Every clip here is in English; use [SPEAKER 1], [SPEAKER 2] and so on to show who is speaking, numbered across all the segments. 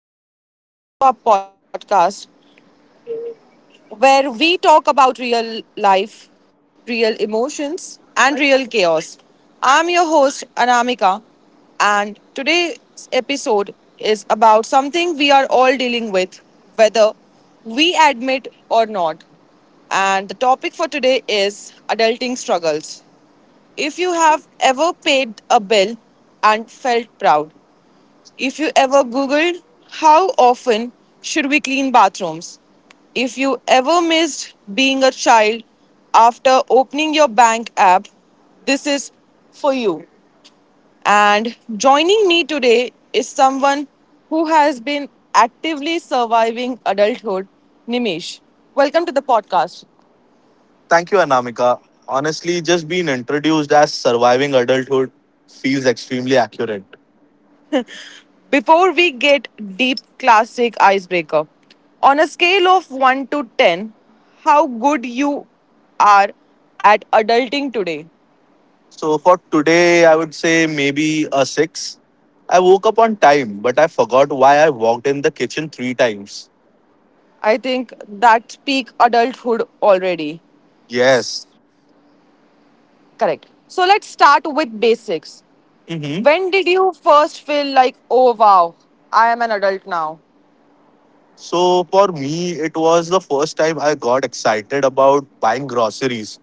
[SPEAKER 1] and welcome back to our podcast where we talk about real life, real emotions, and real chaos. I'm your host, Anamika, and today's episode is about something we are all dealing with, whether we admit or not. And the topic for today is adulting struggles. If you have ever paid a bill and felt proud, if you ever Googled how often should we clean bathrooms? If you ever missed being a child after opening your bank app, this is for you. And joining me today is someone who has been actively surviving adulthood, Nimish. Welcome to the podcast.
[SPEAKER 2] Thank you, Anamika. Honestly, just being introduced as surviving adulthood feels extremely accurate.
[SPEAKER 1] Before we get deep, classic icebreaker. On a scale of 1 to 10, how good you are at adulting today?
[SPEAKER 2] So, for today, I would say maybe a six. I woke up on time, but I forgot why I walked in the kitchen three times.
[SPEAKER 1] I think that's peak adulthood already.
[SPEAKER 2] Yes.
[SPEAKER 1] Correct. So let's start with basics.
[SPEAKER 2] hmm
[SPEAKER 1] When did you first feel like, oh wow, I am an adult now?
[SPEAKER 2] So, for me, it was the first time I got excited about buying groceries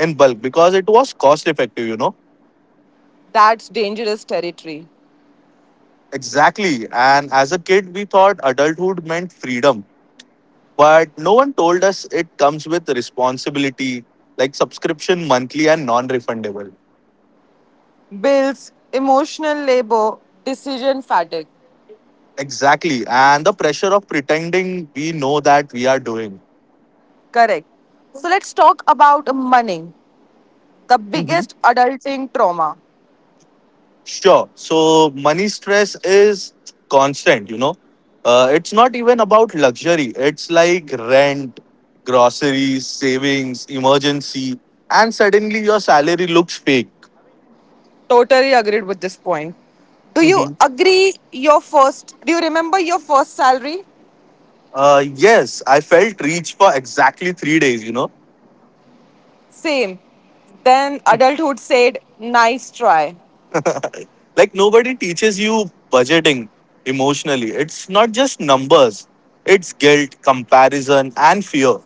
[SPEAKER 2] in bulk because it was cost effective, you know?
[SPEAKER 1] That's dangerous territory.
[SPEAKER 2] Exactly. And as a kid, we thought adulthood meant freedom. But no one told us it comes with responsibility, like subscription monthly and non refundable.
[SPEAKER 1] Bills, emotional labor, decision fatigue.
[SPEAKER 2] Exactly. And the pressure of pretending we know that we are doing.
[SPEAKER 1] Correct. So let's talk about money. The
[SPEAKER 2] Mhm.
[SPEAKER 1] biggest adulting trauma.
[SPEAKER 2] Sure. So money stress is constant. It's not even about luxury, it's like rent, groceries, savings, emergency, and suddenly your salary looks fake.
[SPEAKER 1] Totally agreed with this point. Do you
[SPEAKER 2] Mhm.
[SPEAKER 1] agree your first do you remember your first salary?
[SPEAKER 2] Yes, I felt rich for exactly three days.
[SPEAKER 1] Same. Then adulthood said, nice try.
[SPEAKER 2] Like nobody teaches you budgeting emotionally. It's not just numbers. It's guilt, comparison, and fear.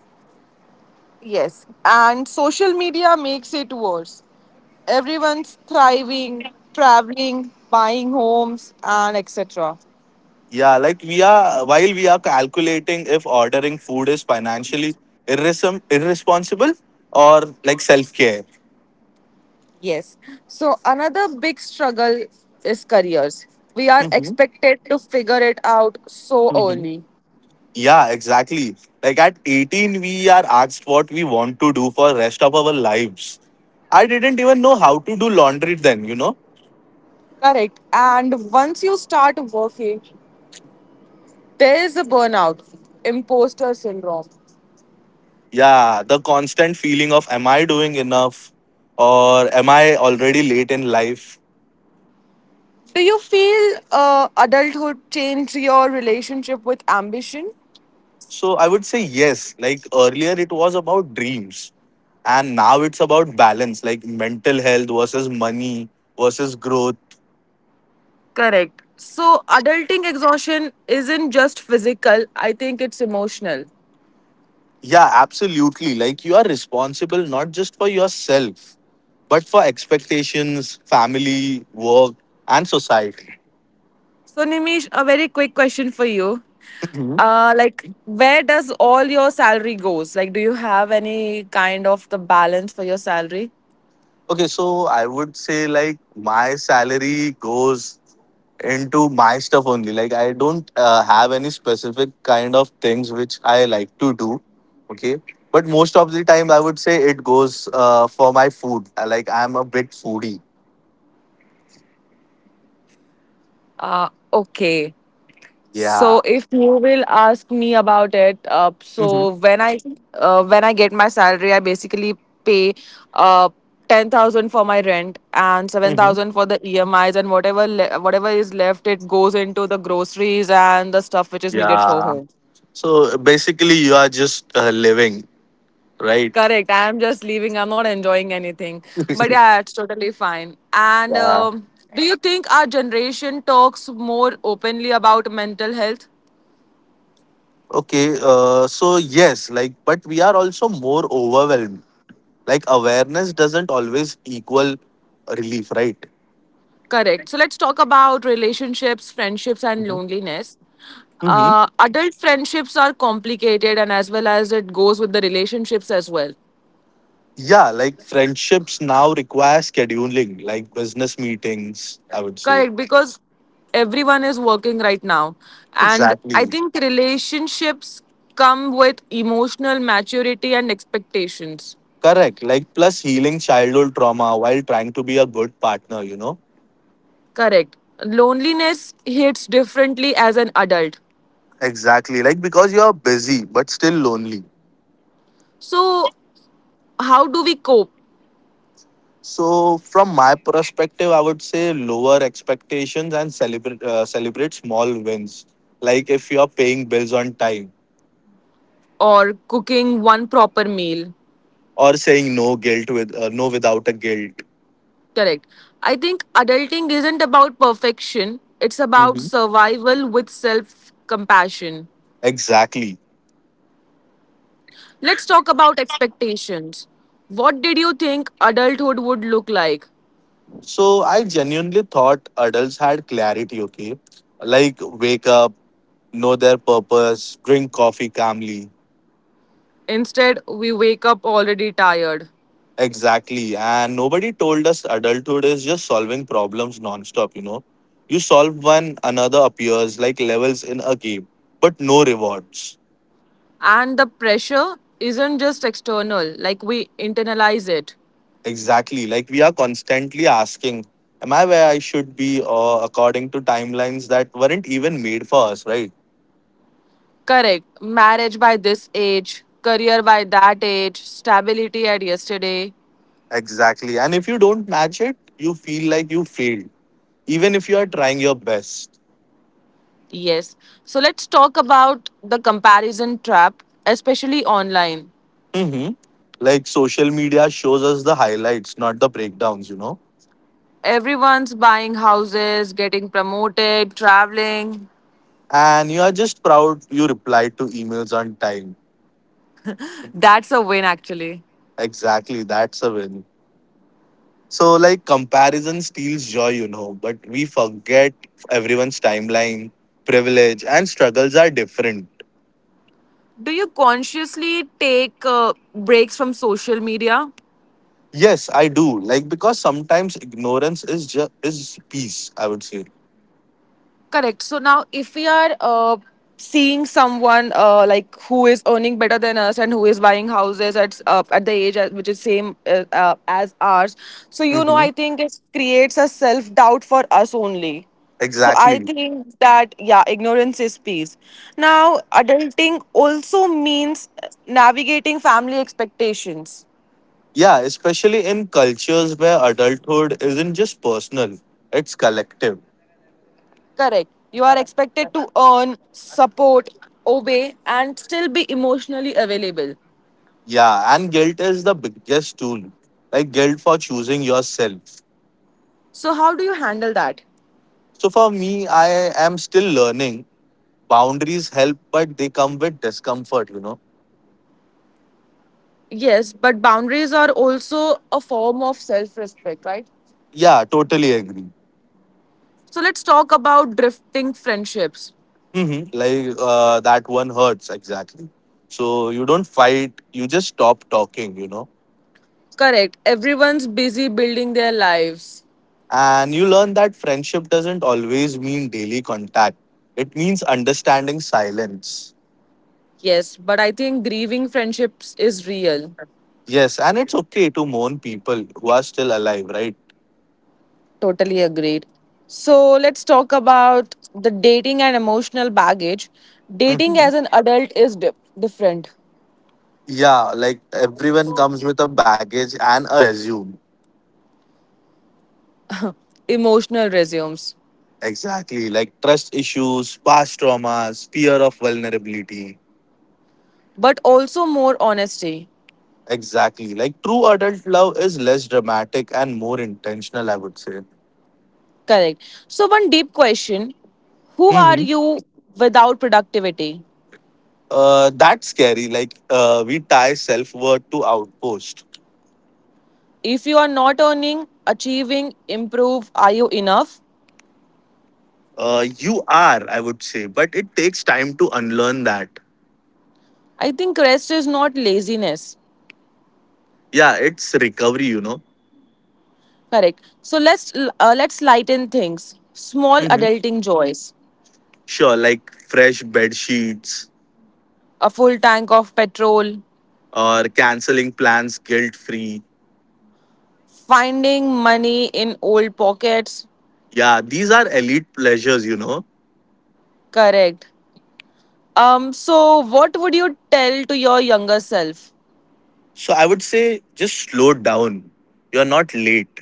[SPEAKER 1] Yes. And social media makes it worse. Everyone's thriving, traveling, buying homes, and etc.
[SPEAKER 2] Yeah, like we are while we are calculating if ordering food is financially irresponsible or like self care.
[SPEAKER 1] Yes. So, another big struggle is careers. We are
[SPEAKER 2] Mhm,
[SPEAKER 1] expected to figure it out so
[SPEAKER 2] mhm.
[SPEAKER 1] early.
[SPEAKER 2] Yeah, exactly. Like at 18, we are asked what we want to do for rest of our lives. I didn't even know how to do laundry then, you know?
[SPEAKER 1] Correct. And once you start working, there is a burnout, imposter syndrome.
[SPEAKER 2] Yeah, the constant feeling of am I doing enough, or am I already late in life?
[SPEAKER 1] Do you feel adulthood changed your relationship with ambition?
[SPEAKER 2] So I would say yes, like earlier it was about dreams, and now it's about balance, like mental health versus money versus growth.
[SPEAKER 1] Correct. So, adulting exhaustion isn't just physical, I think it's emotional.
[SPEAKER 2] Yeah, absolutely. Like you are responsible not just for yourself, but for expectations, family, work, and society.
[SPEAKER 1] So, Nimish, a very quick question for you. Like, where does all your salary goes? Like, do you have any kind of the balance for your salary?
[SPEAKER 2] Okay, so I would say like my salary goes into my stuff only. Like I don't have any specific kind of things which I like to do. Okay, but most of the time I would say it goes for my food. Like I'm a big foodie.
[SPEAKER 1] Okay. So
[SPEAKER 2] Yeah.
[SPEAKER 1] if you will ask me about it,
[SPEAKER 2] Hmm.
[SPEAKER 1] so when I get my salary, I basically pay uh, 10,000 for my rent and seven
[SPEAKER 2] Hmm.
[SPEAKER 1] thousand for the EMIs and whatever whatever is left, it goes into the groceries and the stuff which is needed for
[SPEAKER 2] Yeah.
[SPEAKER 1] home.
[SPEAKER 2] So basically, you are just living, right?
[SPEAKER 1] Correct. I'm just leaving. I'm not enjoying anything. But yeah, it's totally fine. And
[SPEAKER 2] Yeah.
[SPEAKER 1] do you think our generation talks more openly about mental health?
[SPEAKER 2] Okay, so yes, like, but we are also more overwhelmed. Like, awareness doesn't always equal relief, right?
[SPEAKER 1] Correct. So let's talk about relationships, friendships, and
[SPEAKER 2] Mhm.
[SPEAKER 1] loneliness.
[SPEAKER 2] Mhm.
[SPEAKER 1] Adult friendships are complicated, and as well as it goes with the relationships as well.
[SPEAKER 2] Yeah, like friendships now require scheduling, like business meetings, I would say.
[SPEAKER 1] Correct, because everyone is working right now, and I
[SPEAKER 2] Exactly.
[SPEAKER 1] think relationships come with emotional maturity and expectations.
[SPEAKER 2] Correct. Like, plus healing childhood trauma while trying to be a good partner, you know?
[SPEAKER 1] Correct. Loneliness hits differently as an adult.
[SPEAKER 2] Exactly. Like, because you're busy but still lonely.
[SPEAKER 1] So, how do we cope?
[SPEAKER 2] So, from my perspective, I would say lower expectations and celebrate small wins. Like if you are paying bills on time
[SPEAKER 1] Or cooking one proper meal,
[SPEAKER 2] or saying no guilt with no without a guilt.
[SPEAKER 1] correct. I think adulting isn't about perfection, it's about
[SPEAKER 2] hmm
[SPEAKER 1] survival with self compassion.
[SPEAKER 2] Exactly.
[SPEAKER 1] Let's talk about expectations. What did you think adulthood would look like?
[SPEAKER 2] So I genuinely thought adults had clarity. Okay, like wake up, know their purpose, drink coffee calmly.
[SPEAKER 1] Instead, we wake up already tired.
[SPEAKER 2] Exactly. And nobody told us adulthood is just solving problems nonstop, you know. You solve one, another appears like levels in a game, but no rewards.
[SPEAKER 1] And the pressure isn't just external, like we internalize it.
[SPEAKER 2] Exactly. Like we are constantly asking, am I where I should be? Or according to timelines that weren't even made for us, right?
[SPEAKER 1] Correct. Marriage by this age, career by that age, stability at yesterday.
[SPEAKER 2] Exactly. And if you don't match it, you feel like you failed, even if you are trying your best.
[SPEAKER 1] Yes. So let's talk about the comparison trap, especially online.
[SPEAKER 2] hmm Like social media shows us the highlights, not the breakdowns.
[SPEAKER 1] Everyone's buying houses, getting promoted, traveling.
[SPEAKER 2] And you are just proud you replied to emails on time.
[SPEAKER 1] That's a win, actually.
[SPEAKER 2] Exactly, that's a win. So, like, comparison steals joy, but we forget everyone's timeline, privilege, and struggles are different.
[SPEAKER 1] Do you consciously take breaks from social media?
[SPEAKER 2] Yes, I do. Like, because sometimes ignorance is just is peace, I would say.
[SPEAKER 1] Correct. So now, if we are seeing someone like who is earning better than us and who is buying houses at the age at which is same as ours, so you know,
[SPEAKER 2] hmm
[SPEAKER 1] I think it creates a self doubt for us only. So I
[SPEAKER 2] Exactly.
[SPEAKER 1] think that yeah, ignorance is peace. Now, adulting also means navigating family expectations.
[SPEAKER 2] Yeah, especially in cultures where adulthood isn't just personal, it's collective.
[SPEAKER 1] Correct. You are expected to earn, support, obey, and still be emotionally available.
[SPEAKER 2] Yeah, and guilt is the biggest tool. Like guilt for choosing yourself.
[SPEAKER 1] So, how do you handle that?
[SPEAKER 2] So for me, I am still learning. Boundaries help, but they come with discomfort.
[SPEAKER 1] Yes, but boundaries are also a form of self respect, right?
[SPEAKER 2] Yeah, totally agree.
[SPEAKER 1] So, let's talk about drifting friendships.
[SPEAKER 2] Like that one hurts exactly. So you don't fight, you just stop talking.
[SPEAKER 1] Correct. Everyone's busy building their lives.
[SPEAKER 2] And you learn that friendship doesn't always mean daily contact. It means understanding silence.
[SPEAKER 1] Yes, but I think grieving friendships is real.
[SPEAKER 2] Yes, and it's okay to mourn people who are still alive, right?
[SPEAKER 1] Totally agreed. So, let's talk about the dating and emotional baggage. Dating
[SPEAKER 2] Mhm.
[SPEAKER 1] as an adult is different,
[SPEAKER 2] Yeah, like everyone comes with a baggage and a resume.
[SPEAKER 1] emotional resumes,
[SPEAKER 2] Exactly, like trust issues, past traumas, fear of vulnerability.
[SPEAKER 1] but also more honesty.
[SPEAKER 2] Exactly, like true adult love is less dramatic and more intentional, I would say.
[SPEAKER 1] Correct. So, one deep question. Who are
[SPEAKER 2] hmm
[SPEAKER 1] you without productivity?
[SPEAKER 2] That's scary. Like we tie self worth to outpost.
[SPEAKER 1] If you are not earning, achieving, improve, are you enough?
[SPEAKER 2] You are, I would say, but it takes time to unlearn that.
[SPEAKER 1] I think rest is not laziness.
[SPEAKER 2] Yeah, it's recovery.
[SPEAKER 1] Correct. So let's lighten things. Small
[SPEAKER 2] hmm
[SPEAKER 1] adulting joys.
[SPEAKER 2] Sure, like fresh bed sheets
[SPEAKER 1] A full tank of petrol,
[SPEAKER 2] or canceling plans guilt free.
[SPEAKER 1] finding money in old pockets.
[SPEAKER 2] Yeah, these are elite pleasures.
[SPEAKER 1] Correct. Um, so what would you tell to your younger self?
[SPEAKER 2] So I would say just slow down. You're not late.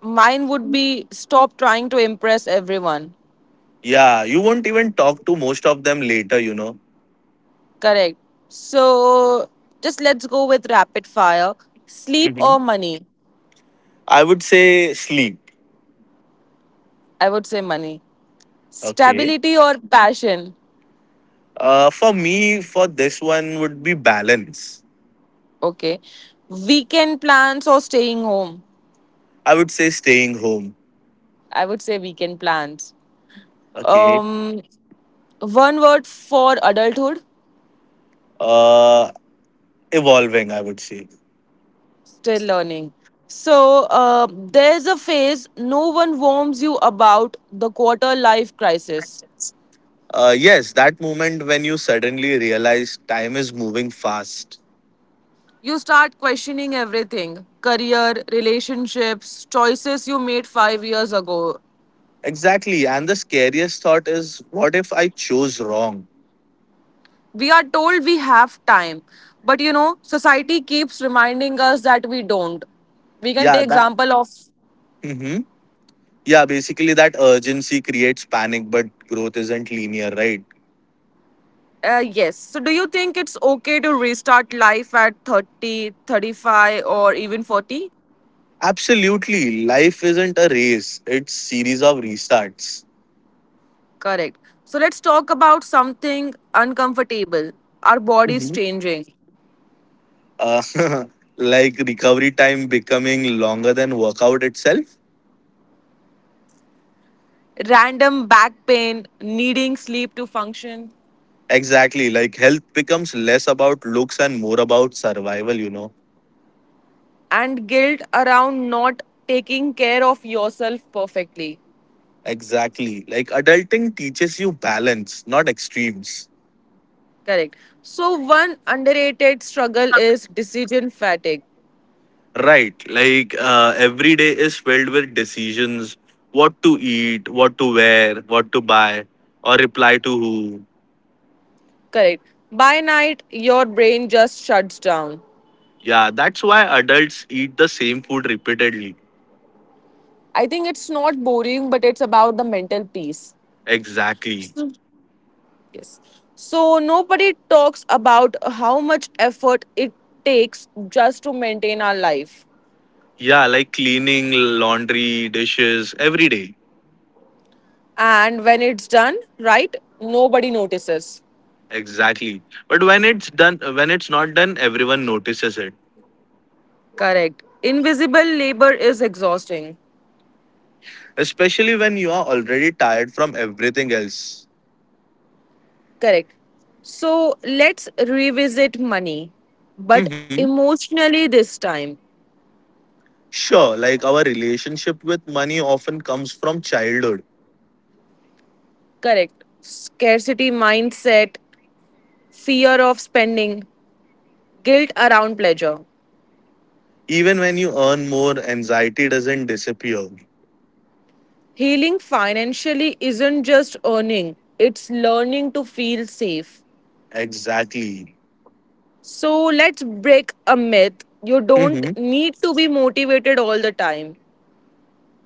[SPEAKER 1] Mine would be stop trying to impress everyone.
[SPEAKER 2] Yeah, you won't even talk to most of them later.
[SPEAKER 1] Correct. So just let's go with rapid fire. Sleep
[SPEAKER 2] hmm
[SPEAKER 1] or money?
[SPEAKER 2] I would say sleep.
[SPEAKER 1] I would say money.
[SPEAKER 2] Okay.
[SPEAKER 1] Stability or passion?
[SPEAKER 2] For me, for this one would be balance.
[SPEAKER 1] Okay. Weekend plans or staying home?
[SPEAKER 2] I would say staying home.
[SPEAKER 1] I would say weekend plans.
[SPEAKER 2] Okay.
[SPEAKER 1] Um, one word for adulthood?
[SPEAKER 2] Uh, Evolving, I would say.
[SPEAKER 1] Still learning. So there's a phase no one warns you about the quarter life crisis.
[SPEAKER 2] Yes, that moment when you suddenly realize time is moving fast.
[SPEAKER 1] You start questioning everything career, relationships, choices you made 5 years ago.
[SPEAKER 2] Exactly. And the scariest thought is, what if I chose wrong?
[SPEAKER 1] We are told we have time, but you know, society keeps reminding us that we don't. We can
[SPEAKER 2] Yeah,
[SPEAKER 1] take
[SPEAKER 2] that.
[SPEAKER 1] example of
[SPEAKER 2] Mhm. Yeah, basically that urgency creates panic, but growth isn't linear, right?
[SPEAKER 1] yes. So do you think it's okay to restart life at 30, 35, or even 40?
[SPEAKER 2] Absolutely, life isn't a race, it's series of restarts.
[SPEAKER 1] Correct. So let's talk about something uncomfortable. Our bodies
[SPEAKER 2] Mhm.
[SPEAKER 1] changing.
[SPEAKER 2] uh, like recovery time becoming longer than workout itself.
[SPEAKER 1] Random back pain, needing sleep to function.
[SPEAKER 2] Exactly, like health becomes less about looks and more about survival.
[SPEAKER 1] And guilt around not taking care of yourself perfectly.
[SPEAKER 2] Exactly, like adulting teaches you balance, not extremes.
[SPEAKER 1] Correct. So, one underrated struggle is decision fatigue.
[SPEAKER 2] Right. Like every day is filled with decisions, what to eat, what to wear, what to buy, or reply to who.
[SPEAKER 1] Correct. By night, your brain just shuts down.
[SPEAKER 2] Yeah, that's why adults eat the same food repeatedly.
[SPEAKER 1] I think it's not boring, but it's about the mental peace.
[SPEAKER 2] Exactly.
[SPEAKER 1] So— yes. So, nobody talks about how much effort it takes just to maintain our life.
[SPEAKER 2] Yeah, like cleaning, laundry, dishes every day.
[SPEAKER 1] And when it's done, right, nobody notices.
[SPEAKER 2] Exactly. But when it's not done, everyone notices it.
[SPEAKER 1] Correct. Invisible labor is exhausting.
[SPEAKER 2] Especially when you are already tired from everything else.
[SPEAKER 1] Correct. So let's revisit money, but
[SPEAKER 2] hmm
[SPEAKER 1] emotionally this time.
[SPEAKER 2] Sure, like our relationship with money often comes from childhood.
[SPEAKER 1] Correct. Scarcity mindset, fear of spending, guilt around pleasure.
[SPEAKER 2] Even when you earn more, anxiety doesn't disappear.
[SPEAKER 1] Healing financially isn't just earning, it's learning to feel safe.
[SPEAKER 2] Exactly.
[SPEAKER 1] So let's break a myth. You don't
[SPEAKER 2] hmm
[SPEAKER 1] need to be motivated all the time.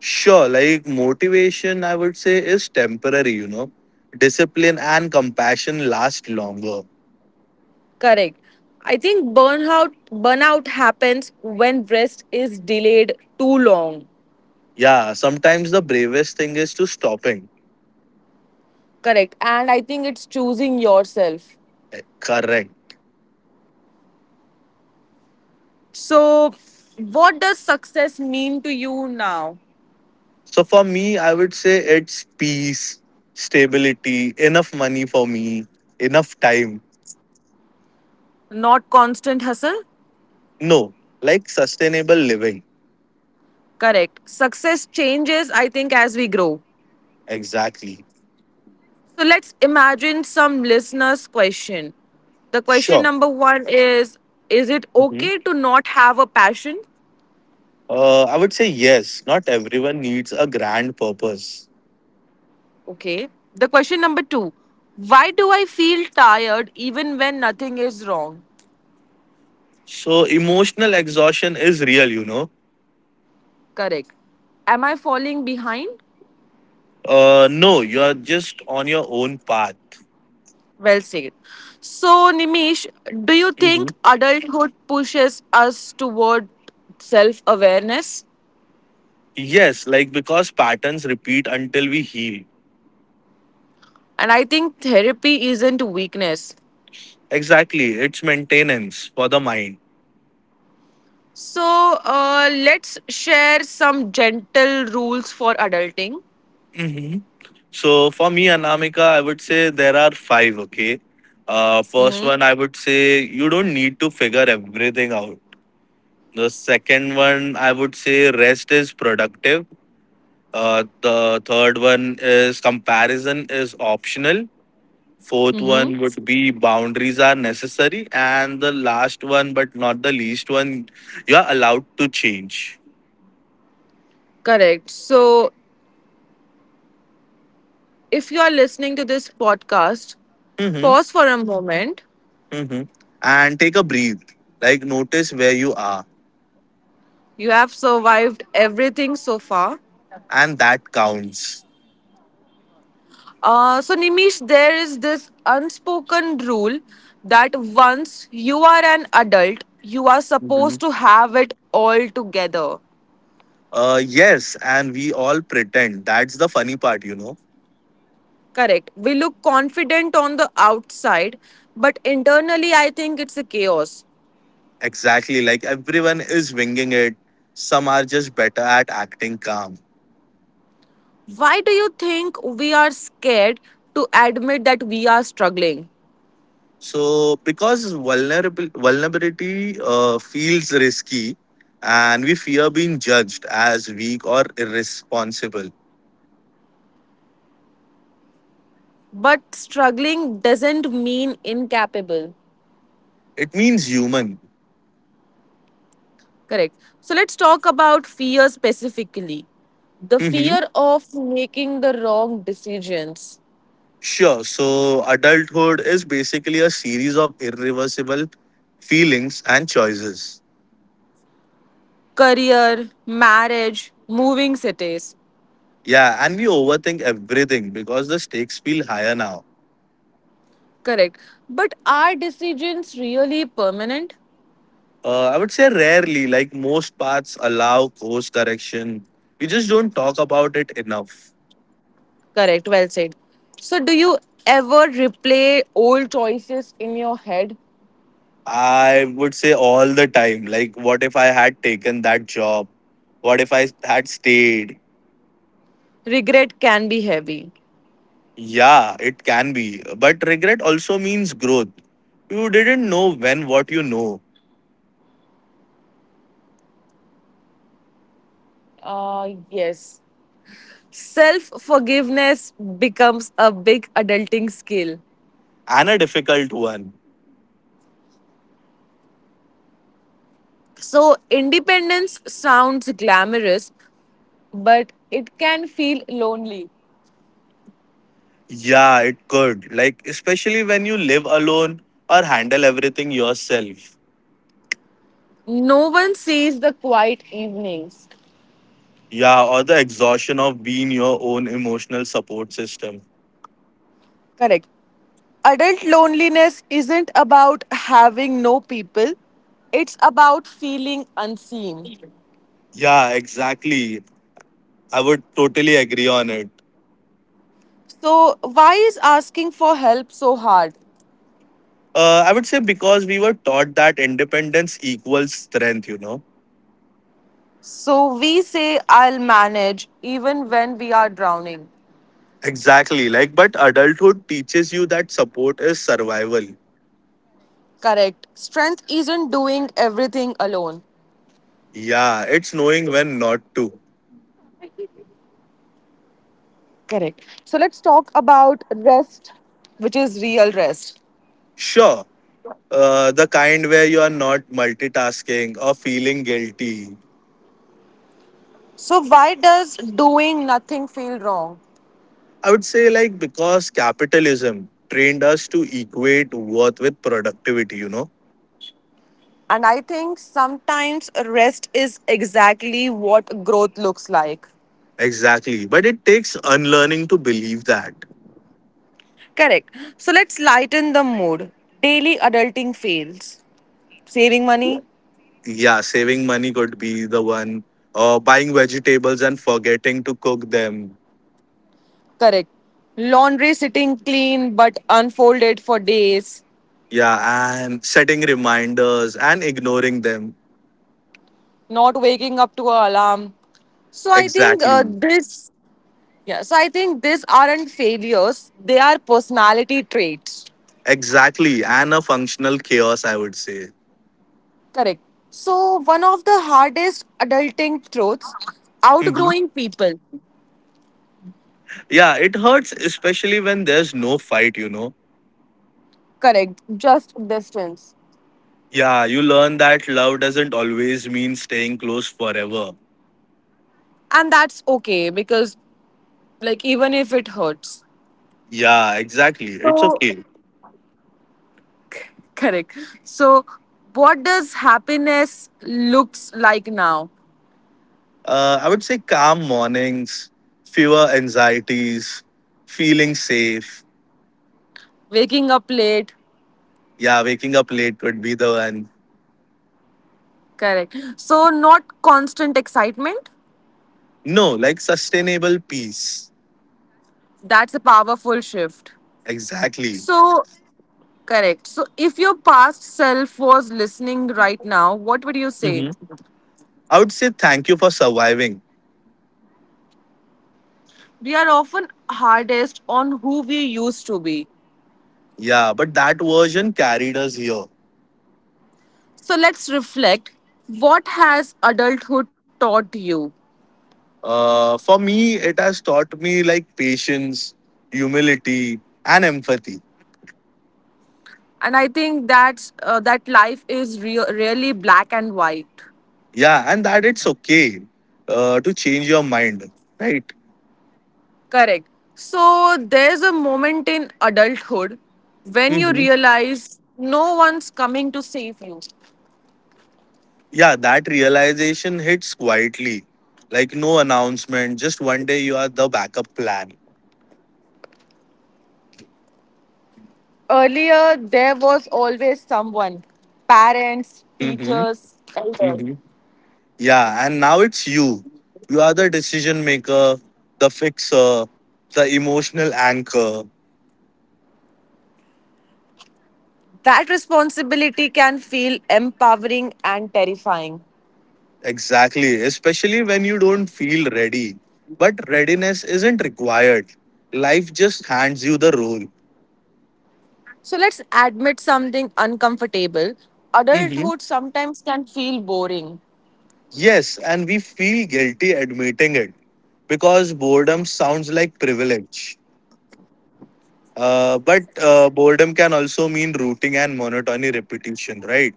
[SPEAKER 2] Sure, like motivation, I would say, is temporary. Discipline and compassion last longer.
[SPEAKER 1] Correct. I think burnout happens when rest is delayed too long.
[SPEAKER 2] Yeah, sometimes the bravest thing is to stopping.
[SPEAKER 1] Correct. And I think it's choosing yourself.
[SPEAKER 2] Correct.
[SPEAKER 1] So what does success mean to you now?
[SPEAKER 2] So for me, I would say it's peace, stability, enough money for me, enough time.
[SPEAKER 1] Not constant hustle?
[SPEAKER 2] No, like sustainable living.
[SPEAKER 1] Correct. Success changes I think as we grow.
[SPEAKER 2] Exactly.
[SPEAKER 1] So let's imagine some listeners question. The question
[SPEAKER 2] Sure.
[SPEAKER 1] number 1 is it okay to not have a passion?
[SPEAKER 2] I would say yes. Not everyone needs a grand purpose.
[SPEAKER 1] Okay. The question number two. Why do I feel tired even when nothing is wrong?
[SPEAKER 2] So emotional exhaustion is real.
[SPEAKER 1] Correct. Am I falling behind?
[SPEAKER 2] No, you're just on your own path.
[SPEAKER 1] Well said. So, Nimish, do you think
[SPEAKER 2] Mhm.
[SPEAKER 1] adulthood pushes us toward self awareness?
[SPEAKER 2] Yes, like because patterns repeat until we heal.
[SPEAKER 1] And I think therapy isn't weakness.
[SPEAKER 2] Exactly, it's maintenance for the mind.
[SPEAKER 1] So, let's share some gentle rules for adulting.
[SPEAKER 2] Mhm. So for me, Anamika, I would say there are five. Okay. First
[SPEAKER 1] Mm-hmm.
[SPEAKER 2] one, I would say you don't need to figure everything out. The second one, I would say rest is productive. The third one is comparison is optional. Fourth
[SPEAKER 1] Mm-hmm.
[SPEAKER 2] one would be boundaries are necessary. And the last one, but not the least one, you're allowed to change.
[SPEAKER 1] Correct. So, if you are listening to this podcast,
[SPEAKER 2] Mm-hmm,
[SPEAKER 1] pause for a moment.
[SPEAKER 2] mm-hmm. And take a breathe. Like notice where you are.
[SPEAKER 1] You have survived everything so far.
[SPEAKER 2] And that counts.
[SPEAKER 1] So, Nimish, there is this unspoken rule that once you are an adult, you are
[SPEAKER 2] Mhm.
[SPEAKER 1] supposed to have it all together.
[SPEAKER 2] Yes, and we all pretend. That's the funny part.
[SPEAKER 1] Correct. We look confident on the outside, but internally, I think it's a chaos.
[SPEAKER 2] Exactly. Like everyone is winging it. Some are just better at acting calm.
[SPEAKER 1] Why do you think we are scared to admit that we are struggling?
[SPEAKER 2] So because vulnerable vulnerability feels risky, and we fear being judged as weak or irresponsible,
[SPEAKER 1] But struggling doesn't mean incapable.
[SPEAKER 2] it means human.
[SPEAKER 1] Correct. So let's talk about fear specifically. The
[SPEAKER 2] hmm
[SPEAKER 1] fear of making the wrong decisions,
[SPEAKER 2] Sure. So adulthood is basically a series of irreversible feelings and choices.
[SPEAKER 1] career, marriage, moving cities.
[SPEAKER 2] Yeah, and we overthink everything because the stakes feel higher now.
[SPEAKER 1] Correct. But are decisions really permanent?
[SPEAKER 2] I would say rarely, like most paths allow course correction. We just don't talk about it enough.
[SPEAKER 1] Correct. Well said. So do you ever replay old choices in your head?
[SPEAKER 2] I would say all the time. Like, what if I had taken that job? What if I had stayed?
[SPEAKER 1] Regret can be heavy.
[SPEAKER 2] Yeah, it can be. But regret also means growth. You didn't know when what you know,
[SPEAKER 1] Yes. Self forgiveness becomes a big adulting skill.
[SPEAKER 2] and a difficult one.
[SPEAKER 1] So, independence sounds glamorous, but it can feel lonely.
[SPEAKER 2] Yeah, it could. Like, especially when you live alone or handle everything yourself.
[SPEAKER 1] No one sees the quiet evenings.
[SPEAKER 2] Yeah, or the exhaustion of being your own emotional support system.
[SPEAKER 1] Correct. Adult loneliness isn't about having no people, it's about feeling unseen.
[SPEAKER 2] Yeah, exactly. I would totally agree on it.
[SPEAKER 1] So, why is asking for help so hard?
[SPEAKER 2] I would say because we were taught that independence equals strength.
[SPEAKER 1] So, we say, I'll manage even when we are drowning.
[SPEAKER 2] Exactly. Like, but adulthood teaches you that support is survival.
[SPEAKER 1] Correct. Strength isn't doing everything alone.
[SPEAKER 2] Yeah, it's knowing when not to.
[SPEAKER 1] Correct. So let's talk about rest, which is real rest.
[SPEAKER 2] Sure, the kind where you are not multitasking or feeling guilty.
[SPEAKER 1] So, why does doing nothing feel wrong?
[SPEAKER 2] I would say, like, because capitalism trained us to equate worth with productivity.
[SPEAKER 1] And I think sometimes rest is exactly what growth looks like.
[SPEAKER 2] Exactly. But it takes unlearning to believe that.
[SPEAKER 1] Correct. So, let's lighten the mood. Daily adulting fails. Saving money?
[SPEAKER 2] Yeah, saving money could be the one, or buying vegetables and forgetting to cook them.
[SPEAKER 1] Correct. Laundry sitting clean but unfolded for days.
[SPEAKER 2] Yeah, and setting reminders and ignoring them.
[SPEAKER 1] Not waking up to an alarm. So I think
[SPEAKER 2] Exactly.
[SPEAKER 1] this. Yeah, so I think these aren't failures, they are personality traits.
[SPEAKER 2] Exactly, and a functional chaos, I would say.
[SPEAKER 1] Correct. So, one of the hardest adulting truths
[SPEAKER 2] Mhm.
[SPEAKER 1] outgrowing people.
[SPEAKER 2] Yeah, it hurts, especially when there's no fight.
[SPEAKER 1] Correct. Just distance.
[SPEAKER 2] Yeah, you learn that love doesn't always mean staying close forever.
[SPEAKER 1] And that's okay because, like, even if it hurts.
[SPEAKER 2] Yeah, exactly, it's okay.
[SPEAKER 1] Correct. So, what does happiness looks like now?
[SPEAKER 2] I would say calm mornings, fewer anxieties, feeling safe.
[SPEAKER 1] Waking up late.
[SPEAKER 2] Yeah, waking up late would be the one.
[SPEAKER 1] Correct. So, not constant excitement.
[SPEAKER 2] No, like sustainable peace.
[SPEAKER 1] That's a powerful shift.
[SPEAKER 2] Exactly.
[SPEAKER 1] So, correct. So, if your past self was listening right now, what would you say?
[SPEAKER 2] hmm I would say thank you for surviving.
[SPEAKER 1] We are often hardest on who we used to be.
[SPEAKER 2] Yeah, but that version carried us here.
[SPEAKER 1] So, let's reflect what has adulthood taught you?
[SPEAKER 2] For me it has taught me, like, patience, humility, and empathy.
[SPEAKER 1] And I think that's, that life is really black and white.
[SPEAKER 2] Yeah, and that it's okay to change your mind, right.
[SPEAKER 1] Correct. So, there's a moment in adulthood when you
[SPEAKER 2] hmm
[SPEAKER 1] realize no one's coming to save you.
[SPEAKER 2] yeah, that realization hits quietly, like no announcement, just one day you are the backup plan.
[SPEAKER 1] Earlier, there was always someone parents,
[SPEAKER 2] Hmm.
[SPEAKER 1] teachers.
[SPEAKER 2] Yeah, and now it's you. You are the decision maker, the fixer, the emotional anchor.
[SPEAKER 1] That responsibility can feel empowering and terrifying.
[SPEAKER 2] Exactly, especially when you don't feel ready. But readiness isn't required, life just hands you the role.
[SPEAKER 1] So let's admit something uncomfortable.
[SPEAKER 2] Mhm.
[SPEAKER 1] Adulthood sometimes can feel boring.
[SPEAKER 2] Yes, and we feel guilty admitting it because boredom sounds like privilege. But boredom can also mean routine and monotony repetition, right?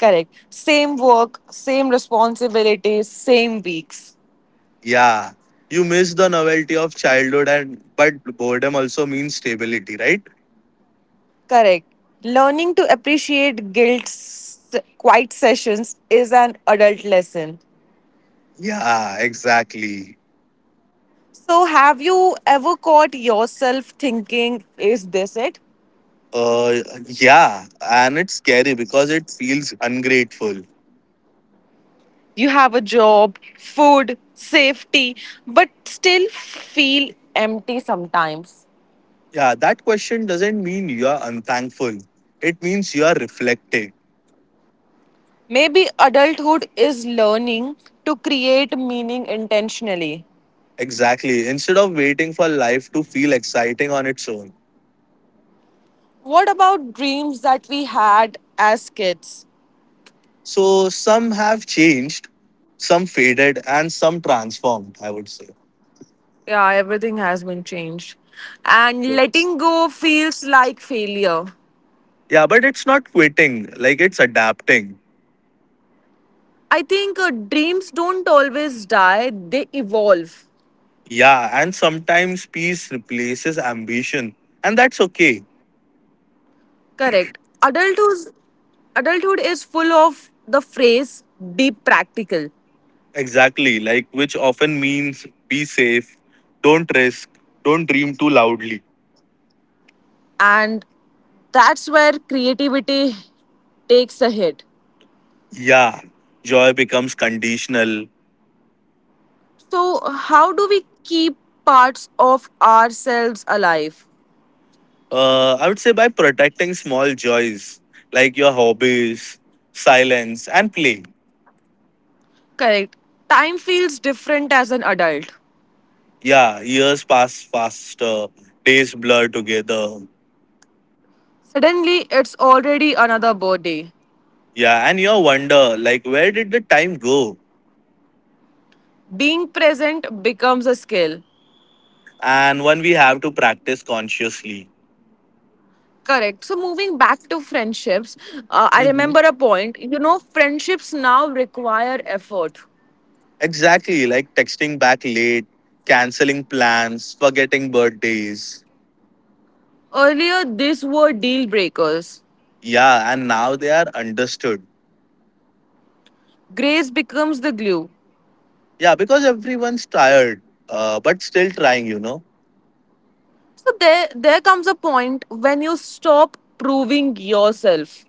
[SPEAKER 1] Correct. Same work, same responsibilities, same weeks.
[SPEAKER 2] Yeah, you miss the novelty of childhood, and but boredom also means stability, right?
[SPEAKER 1] Correct. Learning to appreciate quiet sessions is an adult lesson.
[SPEAKER 2] Yeah, exactly.
[SPEAKER 1] So, have you ever caught yourself thinking, is this it?
[SPEAKER 2] Uh, yeah, and it's scary because it feels ungrateful.
[SPEAKER 1] You have a job, food, safety, but still feel empty sometimes.
[SPEAKER 2] Yeah, that question doesn't mean you are unthankful. It means you are reflecting.
[SPEAKER 1] Maybe adulthood is learning to create meaning intentionally.
[SPEAKER 2] Exactly. Instead of waiting for life to feel exciting on its own.
[SPEAKER 1] What about dreams that we had as kids?
[SPEAKER 2] So some have changed, some faded, and some transformed, I would say.
[SPEAKER 1] Yeah, everything has been changed. And letting go feels like failure.
[SPEAKER 2] Yeah, but it's not quitting. Like it's adapting.
[SPEAKER 1] I think dreams don't always die, they evolve.
[SPEAKER 2] Yeah, and sometimes peace replaces ambition, and that's okay.
[SPEAKER 1] Correct. Adulthood, adulthood is full of the phrase be practical,
[SPEAKER 2] Exactly, like which often means be safe, don't risk, don't dream too loudly.
[SPEAKER 1] and that's where creativity takes a hit.
[SPEAKER 2] Yeah, joy becomes conditional.
[SPEAKER 1] So, how do we keep parts of ourselves alive?
[SPEAKER 2] I would say by protecting small joys, like your hobbies, silence, and play.
[SPEAKER 1] Correct. Time feels different as an adult.
[SPEAKER 2] Yeah, years pass faster, days blur together.
[SPEAKER 1] Suddenly, it's already another birthday.
[SPEAKER 2] Yeah, and you wonder like where did the time go?
[SPEAKER 1] Being present becomes a skill.
[SPEAKER 2] And one we have to practice consciously.
[SPEAKER 1] Correct. So, moving back to friendships, I
[SPEAKER 2] hmm
[SPEAKER 1] remember a point. You know, friendships now require effort.
[SPEAKER 2] Exactly, like texting back late, canceling plans, forgetting birthdays.
[SPEAKER 1] Earlier, these were deal breakers.
[SPEAKER 2] Yeah, and now they are understood.
[SPEAKER 1] Grace becomes the glue.
[SPEAKER 2] Yeah, because everyone's tired, but still trying.
[SPEAKER 1] So there comes a point when you stop proving yourself.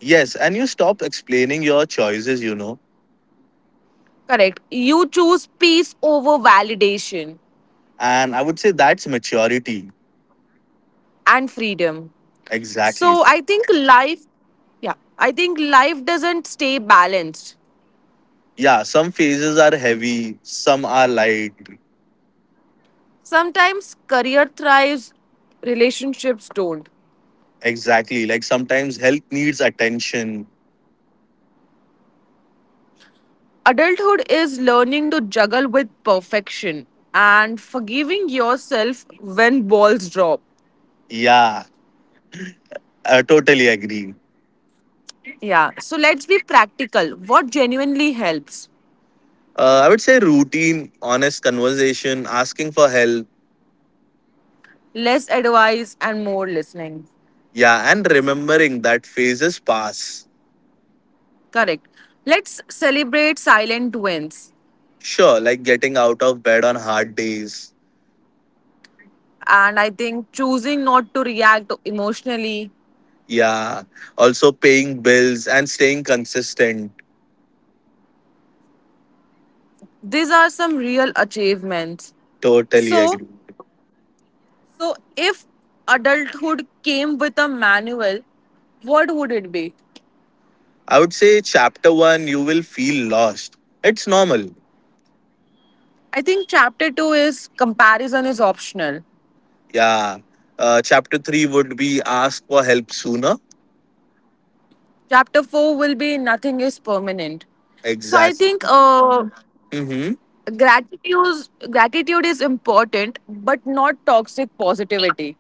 [SPEAKER 2] Yes, and you stop explaining your choices.
[SPEAKER 1] Correct. You choose peace over validation
[SPEAKER 2] And I would say that's maturity.
[SPEAKER 1] and freedom.
[SPEAKER 2] Exactly.
[SPEAKER 1] So I think I think life doesn't stay balanced.
[SPEAKER 2] Yeah, some phases are heavy, some are light.
[SPEAKER 1] Sometimes career thrives, relationships don't.
[SPEAKER 2] Exactly. Like sometimes health needs attention.
[SPEAKER 1] Adulthood is learning to juggle with perfection and forgiving yourself when balls drop.
[SPEAKER 2] Yeah, I totally agree.
[SPEAKER 1] Yeah, so let's be practical. What genuinely helps?
[SPEAKER 2] I would say routine, honest conversation, asking for help.
[SPEAKER 1] Less advice and more listening.
[SPEAKER 2] Yeah, and remembering that phases pass.
[SPEAKER 1] Correct. Let's celebrate silent wins.
[SPEAKER 2] Sure, like getting out of bed on hard days.
[SPEAKER 1] And I think choosing not to react emotionally,
[SPEAKER 2] Yeah, also paying bills and staying consistent.
[SPEAKER 1] these are some real achievements.
[SPEAKER 2] Totally
[SPEAKER 1] So,
[SPEAKER 2] agree.
[SPEAKER 1] if adulthood came with a manual, what would it be?
[SPEAKER 2] I would say chapter one, you will feel lost. It's normal.
[SPEAKER 1] I think chapter 2 is comparison is optional.
[SPEAKER 2] Yeah. Chapter three would be ask for help sooner.
[SPEAKER 1] Chapter 4 will be nothing is permanent. So I think
[SPEAKER 2] Exactly. Mm-hmm.
[SPEAKER 1] gratitude, gratitude is important, but not toxic positivity.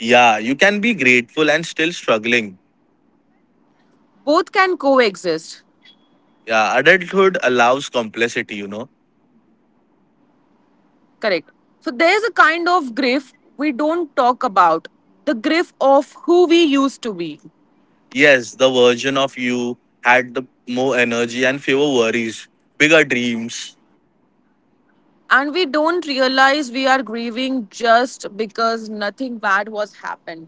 [SPEAKER 2] Yeah, you can be grateful and still struggling.
[SPEAKER 1] Both can coexist.
[SPEAKER 2] Yeah, adulthood allows complexity.
[SPEAKER 1] Correct. So there's a kind of grief we don't talk about the grief of who we used to be.
[SPEAKER 2] Yes, the version of you had the more energy and fewer worries, bigger dreams.
[SPEAKER 1] And we don't realize we are grieving just because nothing bad was happened.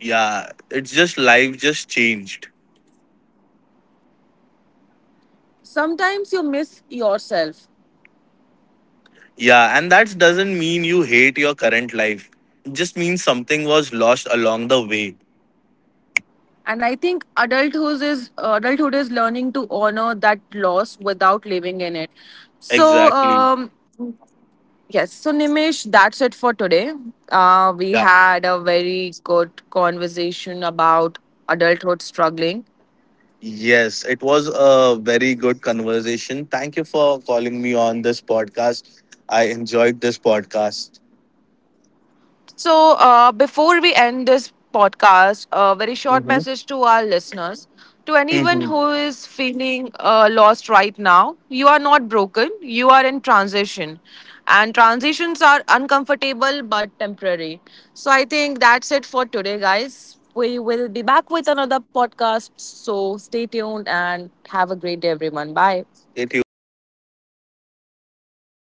[SPEAKER 2] Yeah, it's just life just changed.
[SPEAKER 1] Sometimes you miss yourself.
[SPEAKER 2] Yeah, and that doesn't mean you hate your current life. It just means something was lost along the way.
[SPEAKER 1] And I think adulthood is learning to honor that loss without living in it. So
[SPEAKER 2] Exactly.
[SPEAKER 1] yes, so Nimish, that's it for today. We
[SPEAKER 2] Yeah.
[SPEAKER 1] had a very good conversation about adulthood struggling.
[SPEAKER 2] Yes, it was a very good conversation. Thank you for calling me on this podcast. I enjoyed this podcast.
[SPEAKER 1] So, before we end this podcast, a very short
[SPEAKER 2] Mm-hmm.
[SPEAKER 1] message to our listeners. To anyone
[SPEAKER 2] Mm-hmm.
[SPEAKER 1] who is feeling lost right now, you are not broken, you are in transition. And transitions are uncomfortable but temporary. So, I think that's it for today, guys. We will be back with another podcast. So, stay tuned and have a great day, everyone. Bye.
[SPEAKER 2] Stay tuned. Bye.